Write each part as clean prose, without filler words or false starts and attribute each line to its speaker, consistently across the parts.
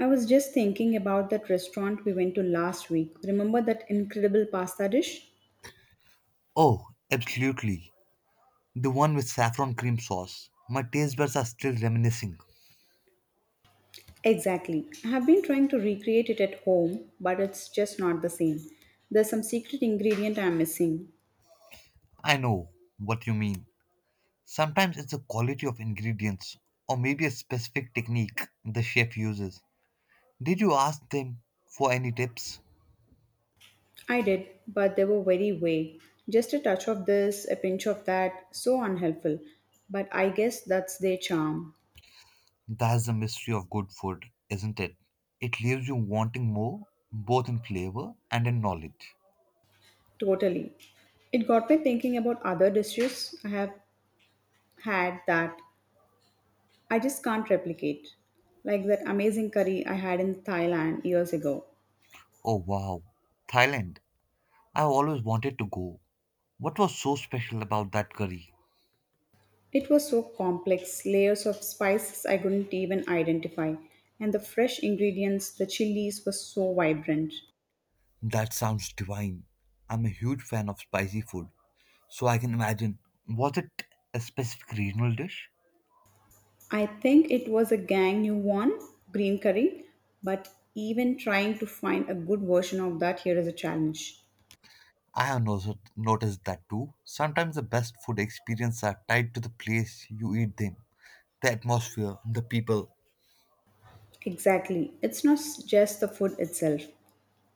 Speaker 1: I was just thinking about that restaurant we went to last week. Remember that incredible pasta dish?
Speaker 2: Oh, absolutely. The one with saffron cream sauce. My taste buds are still reminiscing.
Speaker 1: Exactly. I have been trying to recreate it at home, but it's just not the same. There's some secret ingredient I'm missing.
Speaker 2: I know what you mean. Sometimes it's the quality of ingredients or maybe a specific technique the chef uses. Did you ask them for any tips?
Speaker 1: I did, but they were very vague. Just a touch of this, a pinch of that, so unhelpful. But I guess that's their charm.
Speaker 2: That's the mystery of good food, isn't it? It leaves you wanting more, both in flavor and in knowledge.
Speaker 1: Totally. It got me thinking about other dishes I have had that I just can't replicate. Like that amazing curry I had in Thailand years ago.
Speaker 2: Oh wow, Thailand. I always wanted to go. What was so special about that curry?
Speaker 1: It was so complex, layers of spices I couldn't even identify. And the fresh ingredients, the chilies, were so vibrant.
Speaker 2: That sounds divine. I'm a huge fan of spicy food, so I can imagine. Was it a specific regional dish?
Speaker 1: I think it was a gang new one, green curry, but even trying to find a good version of that here is a challenge.
Speaker 2: I have also noticed that too. Sometimes the best food experiences are tied to the place you eat them, the atmosphere, the people.
Speaker 1: Exactly. It's not s- just the food itself,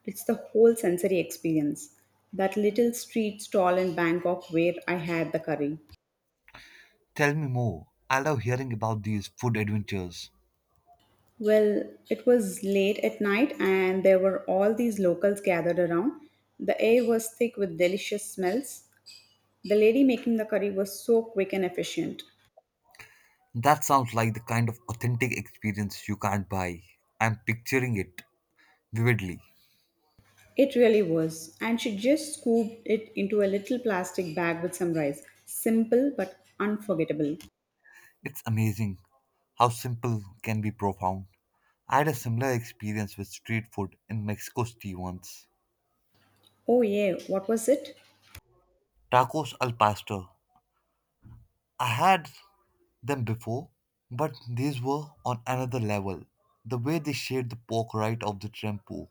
Speaker 1: it's the whole sensory experience. That little street stall in Bangkok where I had the curry.
Speaker 2: Tell me more. I love hearing about these food adventures.
Speaker 1: Well, it was late at night, and there were all these locals gathered around. The air was thick with delicious smells. The lady making the curry was so quick and efficient.
Speaker 2: That sounds like the kind of authentic experience you can't buy. I'm picturing it vividly.
Speaker 1: It really was. And she just scooped it into a little plastic bag with some rice. Simple but unforgettable.
Speaker 2: It's amazing how simple can be profound. I had a similar experience with street food in Mexico City once.
Speaker 1: Oh, yeah, what was it?
Speaker 2: Tacos al pastor. I had them before, but these were on another level. The way they shaved the pork right off the tempo,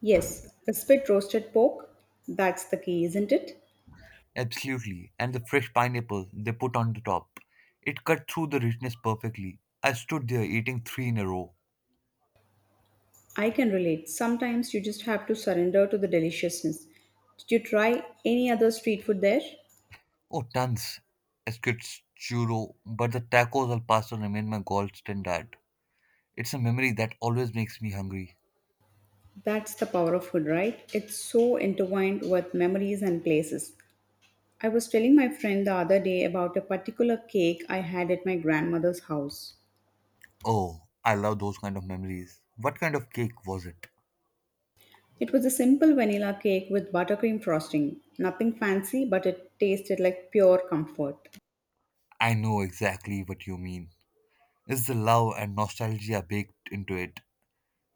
Speaker 1: Yes, the spit roasted pork. That's the key, isn't it?
Speaker 2: absolutely, and the fresh pineapple they put on the top. It cut through the richness perfectly. I stood there eating three in a row.
Speaker 1: I can relate. Sometimes you just have to surrender to the deliciousness. Did you try any other street food there?
Speaker 2: Oh, tons. Escuchuro, churro, but the tacos al pastor remain my gold standard. It's a memory that always makes me hungry.
Speaker 1: That's the power of food, right? It's so intertwined with memories and places. I was telling my friend the other day about a particular cake I had at my grandmother's house.
Speaker 2: Oh, I love those kind of memories. What kind of cake was it?
Speaker 1: It was a simple vanilla cake with buttercream frosting. Nothing fancy, but it tasted like pure comfort.
Speaker 2: I know exactly what you mean. Is the love and nostalgia baked into it?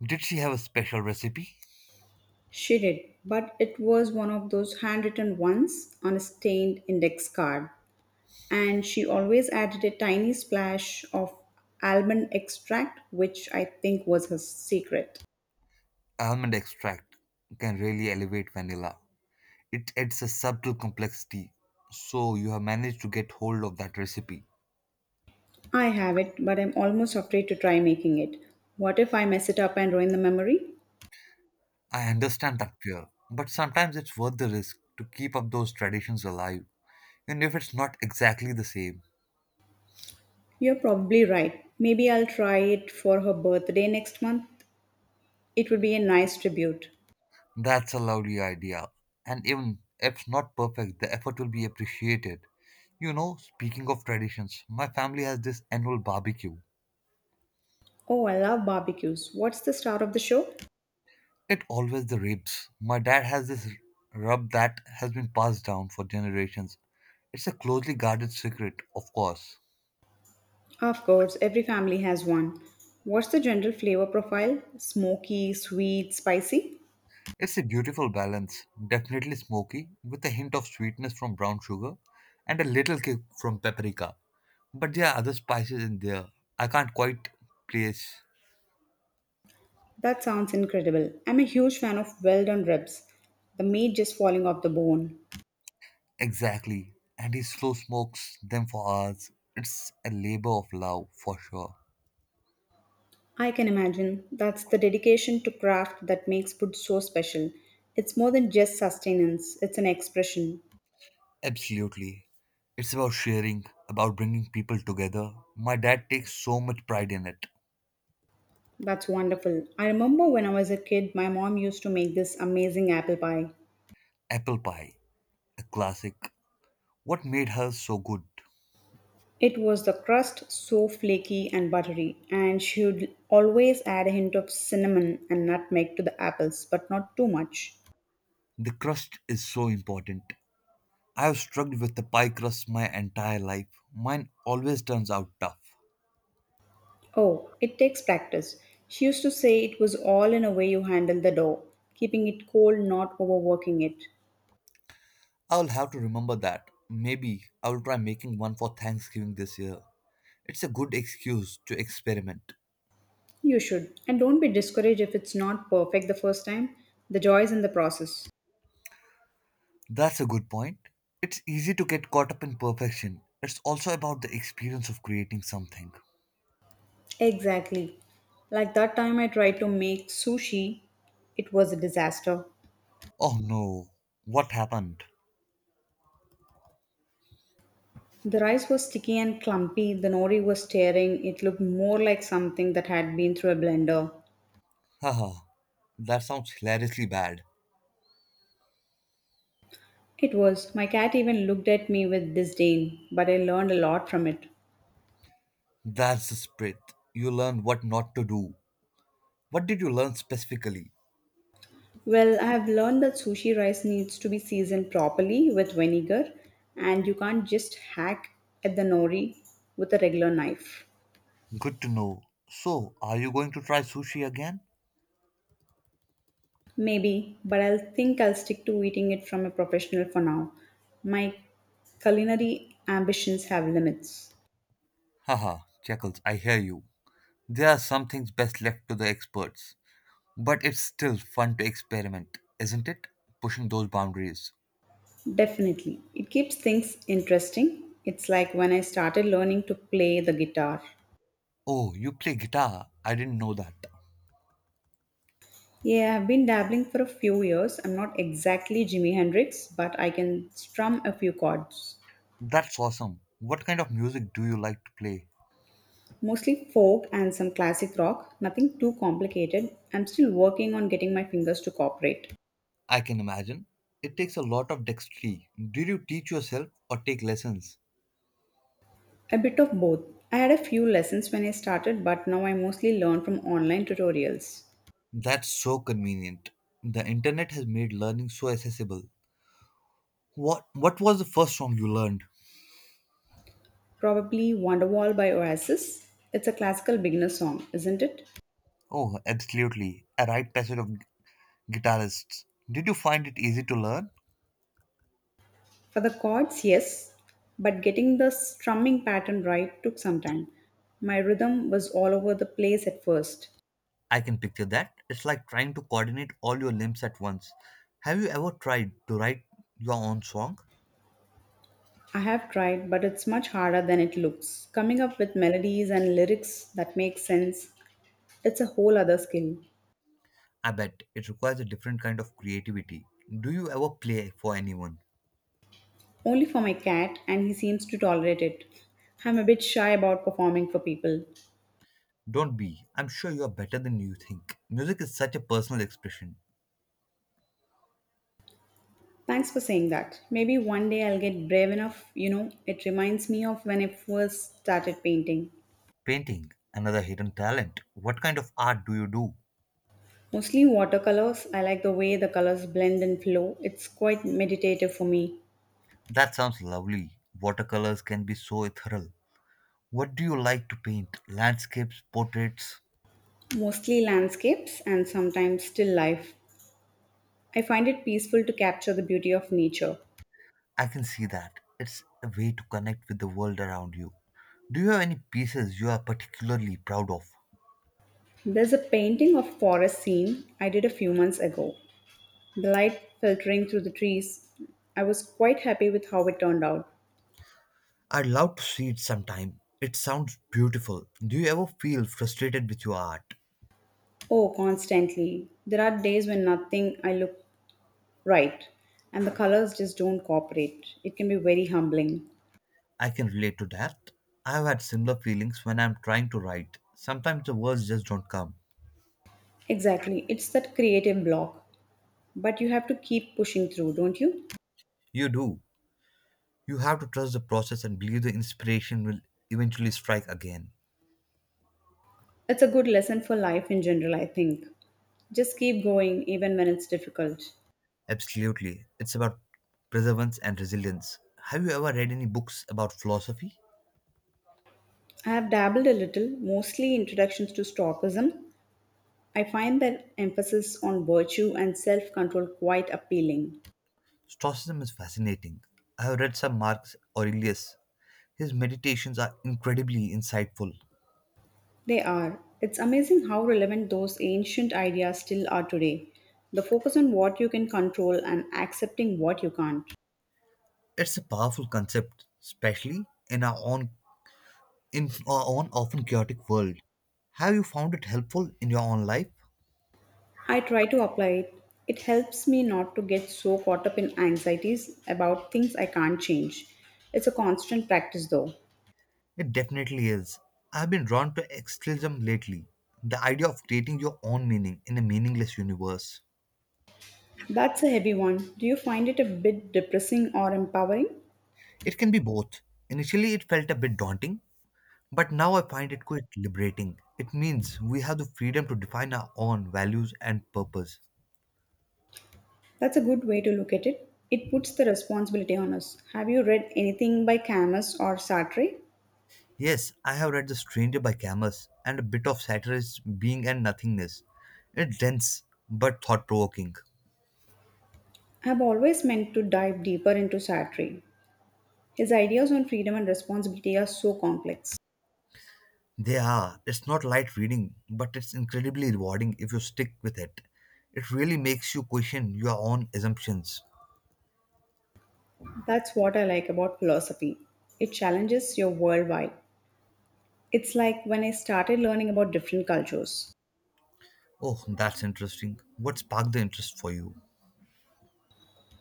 Speaker 2: Did she have a special recipe?
Speaker 1: She did, but it was one of those handwritten ones on a stained index card. And she always added a tiny splash of almond extract, which I think was her secret.
Speaker 2: Almond extract can really elevate vanilla. It adds a subtle complexity. So you have managed to get hold of that recipe.
Speaker 1: I have it, but I'm almost afraid to try making it. What if I mess it up and ruin the memory?
Speaker 2: I understand that fear, but sometimes it's worth the risk to keep up those traditions alive, even if it's not exactly the same.
Speaker 1: You're probably right. Maybe I'll try it for her birthday next month. It would be a nice tribute.
Speaker 2: That's a lovely idea. And even if not perfect, the effort will be appreciated. You know, speaking of traditions, my family has this annual barbecue.
Speaker 1: Oh, I love barbecues. What's the star of the show?
Speaker 2: It always the ribs. My dad has this rub that has been passed down for generations. It's a closely guarded secret, of course.
Speaker 1: Of course, every family has one. What's the general flavor profile? Smoky, sweet, spicy?
Speaker 2: It's a beautiful balance, definitely smoky, with a hint of sweetness from brown sugar and a little kick from paprika. But there are other spices in there I can't quite place.
Speaker 1: That sounds incredible. I'm a huge fan of well done ribs, the meat just falling off the bone.
Speaker 2: Exactly. And he slow smokes them for hours. It's a labor of love, for sure.
Speaker 1: I can imagine. That's the dedication to craft that makes food so special. It's more than just sustenance, it's an expression.
Speaker 2: Absolutely. It's about sharing, about bringing people together. My dad takes so much pride in it.
Speaker 1: That's wonderful. I remember when I was a kid, my mom used to make this amazing apple pie.
Speaker 2: Apple pie, a classic. What made her so good?
Speaker 1: It was the crust so flaky and buttery, and she would always add a hint of cinnamon and nutmeg to the apples, but not too much.
Speaker 2: The crust is so important. I have struggled with the pie crust my entire life. Mine always turns out tough.
Speaker 1: Oh, it takes practice. She used to say it was all in a way you handle the dough, keeping it cold, not overworking it.
Speaker 2: I'll have to remember that. Maybe I'll try making one for Thanksgiving this year. It's a good excuse to experiment.
Speaker 1: You should. And don't be discouraged if it's not perfect the first time. The joy is in the process.
Speaker 2: That's a good point. It's easy to get caught up in perfection. It's also about the experience of creating something.
Speaker 1: Exactly. Like that time I tried to make sushi, it was a disaster.
Speaker 2: Oh no, what happened?
Speaker 1: The rice was sticky and clumpy, the nori was tearing, it looked more like something that had been through a blender.
Speaker 2: Haha, that sounds hilariously bad.
Speaker 1: It was. My cat even looked at me with disdain, but I learned a lot from it.
Speaker 2: That's the spirit. You learn what not to do. What did you learn specifically?
Speaker 1: Well, I have learned that sushi rice needs to be seasoned properly with vinegar, and you can't just hack at the nori with a regular knife.
Speaker 2: Good to know. So, are you going to try sushi again?
Speaker 1: Maybe, but I'll think I'll stick to eating it from a professional for now. My culinary ambitions have limits.
Speaker 2: Haha, Chuckles, I hear you. There are some things best left to the experts. But it's still fun to experiment, isn't it? Pushing those boundaries.
Speaker 1: Definitely. It keeps things interesting. It's like when I started learning to play the guitar.
Speaker 2: Oh, you play guitar? I didn't know that.
Speaker 1: Yeah, I've been dabbling for a few years. I'm not exactly Jimi Hendrix, but I can strum a few chords.
Speaker 2: That's awesome. What kind of music do you like to play?
Speaker 1: Mostly folk and some classic rock, nothing too complicated. I'm still working on getting my fingers to cooperate.
Speaker 2: I can imagine. It takes a lot of dexterity. Did you teach yourself or take lessons?
Speaker 1: A bit of both. I had a few lessons when I started, but now I mostly learn from online tutorials.
Speaker 2: That's so convenient. The internet has made learning so accessible. What was the first song you learned?
Speaker 1: Probably Wonderwall by Oasis. It's a classical beginner song, isn't it?
Speaker 2: Oh, absolutely. A rite passage of guitarists. Did you find it easy to learn?
Speaker 1: For the chords, yes, but getting the strumming pattern right took some time. My rhythm was all over the place at first.
Speaker 2: I can picture that. It's like trying to coordinate all your limbs at once. Have you ever tried to write your own song?
Speaker 1: I have tried, but it's much harder than it looks. Coming up with melodies and lyrics that make sense, it's a whole other skill.
Speaker 2: I bet it requires a different kind of creativity. Do you ever play for anyone?
Speaker 1: Only for my cat, and he seems to tolerate it. I'm a bit shy about performing for people.
Speaker 2: Don't be. I'm sure you are better than you think. Music is such a personal expression.
Speaker 1: Thanks for saying that. Maybe one day I'll get brave enough. It reminds me of when I first started painting.
Speaker 2: Painting, another hidden talent. What kind of art do you do?
Speaker 1: Mostly watercolors, I like the way the colors blend and flow. It's quite meditative for me.
Speaker 2: That sounds lovely. Watercolors can be so ethereal. What do you like to paint? Landscapes, portraits?
Speaker 1: Mostly landscapes and sometimes still life. I find it peaceful to capture the beauty of nature.
Speaker 2: I can see that. It's a way to connect with the world around you. Do you have any pieces you are particularly proud of?
Speaker 1: There's a painting of forest scene I did a few months ago. The light filtering through the trees. I was quite happy with how it turned out.
Speaker 2: I'd love to see it sometime. It sounds beautiful. Do you ever feel frustrated with your art?
Speaker 1: Oh, constantly. There are days when nothing I look right and the colors just don't cooperate. It can be very humbling.
Speaker 2: I can relate to that. I've had similar feelings when I'm trying to write. Sometimes the words just don't come.
Speaker 1: Exactly. It's that creative block. But you have to keep pushing through, don't you?
Speaker 2: You do. You have to trust the process and believe the inspiration will eventually strike again.
Speaker 1: It's a good lesson for life in general, I think. Just keep going even when it's difficult.
Speaker 2: Absolutely. It's about perseverance and resilience. Have you ever read any books about philosophy?
Speaker 1: I have dabbled a little, mostly introductions to Stoicism. I find their emphasis on virtue and self control quite appealing.
Speaker 2: Stoicism is fascinating. I have read some Marcus Aurelius. His meditations are incredibly insightful.
Speaker 1: They are. It's amazing how relevant those ancient ideas still are today. The focus on what you can control and accepting what you can't.
Speaker 2: It's a powerful concept, especially in our own in our own often chaotic world. Have you found it helpful in your own life?
Speaker 1: I try to apply it. It helps me not to get so caught up in anxieties about things I can't change. It's a constant practice though.
Speaker 2: It definitely is. I've been drawn to existentialism lately, the idea of creating your own meaning in a meaningless universe.
Speaker 1: That's a heavy one. Do you find it a bit depressing or empowering?
Speaker 2: It can be both. Initially, it felt a bit daunting, but now I find it quite liberating. It means we have the freedom to define our own values and purpose.
Speaker 1: That's a good way to look at it. It puts the responsibility on us. Have you read anything by Camus or Sartre?
Speaker 2: Yes, I have read The Stranger by Camus, and a bit of satire is Being and Nothingness. It's dense but thought provoking.
Speaker 1: I've always meant to dive deeper into Sartre. His ideas on freedom and responsibility are so complex.
Speaker 2: They are. It's not light reading, but it's incredibly rewarding if you stick with it. It really makes you question your own assumptions.
Speaker 1: That's what I like about philosophy. It challenges your worldwide. It's like when I started learning about different cultures.
Speaker 2: Oh, that's interesting. What sparked the interest for you?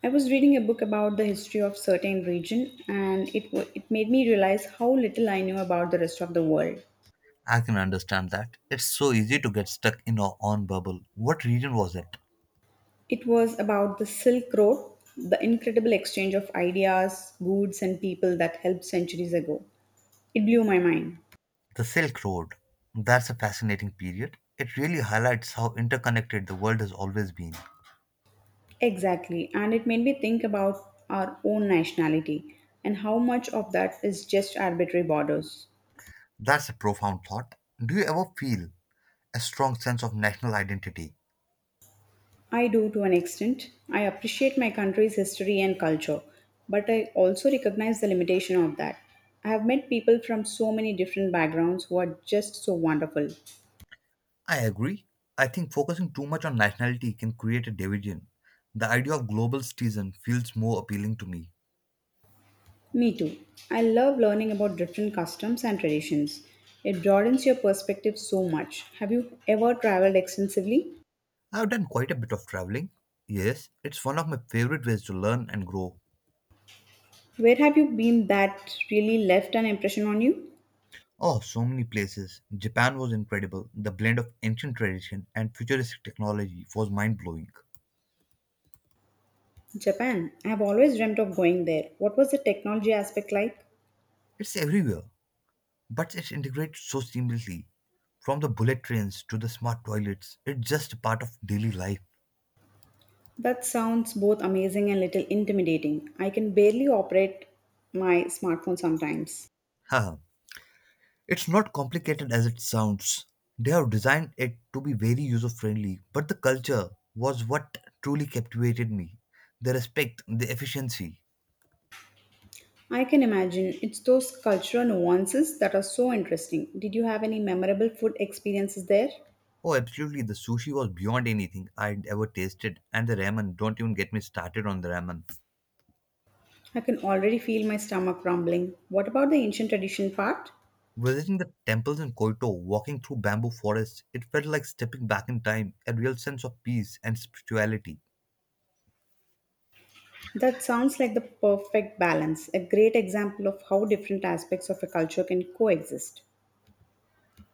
Speaker 1: I was reading a book about the history of certain region and it made me realize how little I knew about the rest of the world.
Speaker 2: I can understand that. It's so easy to get stuck in our own bubble. What region was it?
Speaker 1: It was about the Silk Road, the incredible exchange of ideas, goods, and people that helped centuries ago. It blew my mind.
Speaker 2: The Silk Road. That's a fascinating period. It really highlights how interconnected the world has always been.
Speaker 1: Exactly, and it made me think about our own nationality and how much of that is just arbitrary borders.
Speaker 2: That's a profound thought. Do you ever feel a strong sense of national identity?
Speaker 1: I do to an extent. I appreciate my country's history and culture, but I also recognize the limitation of that. I have met people from so many different backgrounds who are just so wonderful.
Speaker 2: I agree. I think focusing too much on nationality can create a division. The idea of global citizen feels more appealing to me.
Speaker 1: Me too. I love learning about different customs and traditions. It broadens your perspective so much. Have you ever traveled extensively?
Speaker 2: I've done quite a bit of traveling. Yes, it's one of my favorite ways to learn and grow.
Speaker 1: Where have you been that really left an impression on you?
Speaker 2: Oh, so many places. Japan was incredible. The blend of ancient tradition and futuristic technology was mind blowing.
Speaker 1: Japan. I have always dreamt of going there. What was the technology aspect like?
Speaker 2: It's everywhere. But it integrates so seamlessly. From the bullet trains to the smart toilets, it's just a part of daily life.
Speaker 1: That sounds both amazing and little intimidating. I can barely operate my smartphone sometimes.
Speaker 2: Haha, it's not complicated as it sounds. They have designed it to be very user friendly, but the culture was what truly captivated me. The respect, the efficiency.
Speaker 1: I can imagine it's those cultural nuances that are so interesting. Did you have any memorable food experiences there?
Speaker 2: Oh, absolutely, the sushi was beyond anything I'd ever tasted, and the ramen, don't even get me started on the ramen.
Speaker 1: I can already feel my stomach rumbling. What about the ancient tradition part?
Speaker 2: Visiting the temples in Kyoto, walking through bamboo forests, it felt like stepping back in time, a real sense of peace and spirituality.
Speaker 1: That sounds like the perfect balance, a great example of how different aspects of a culture can coexist.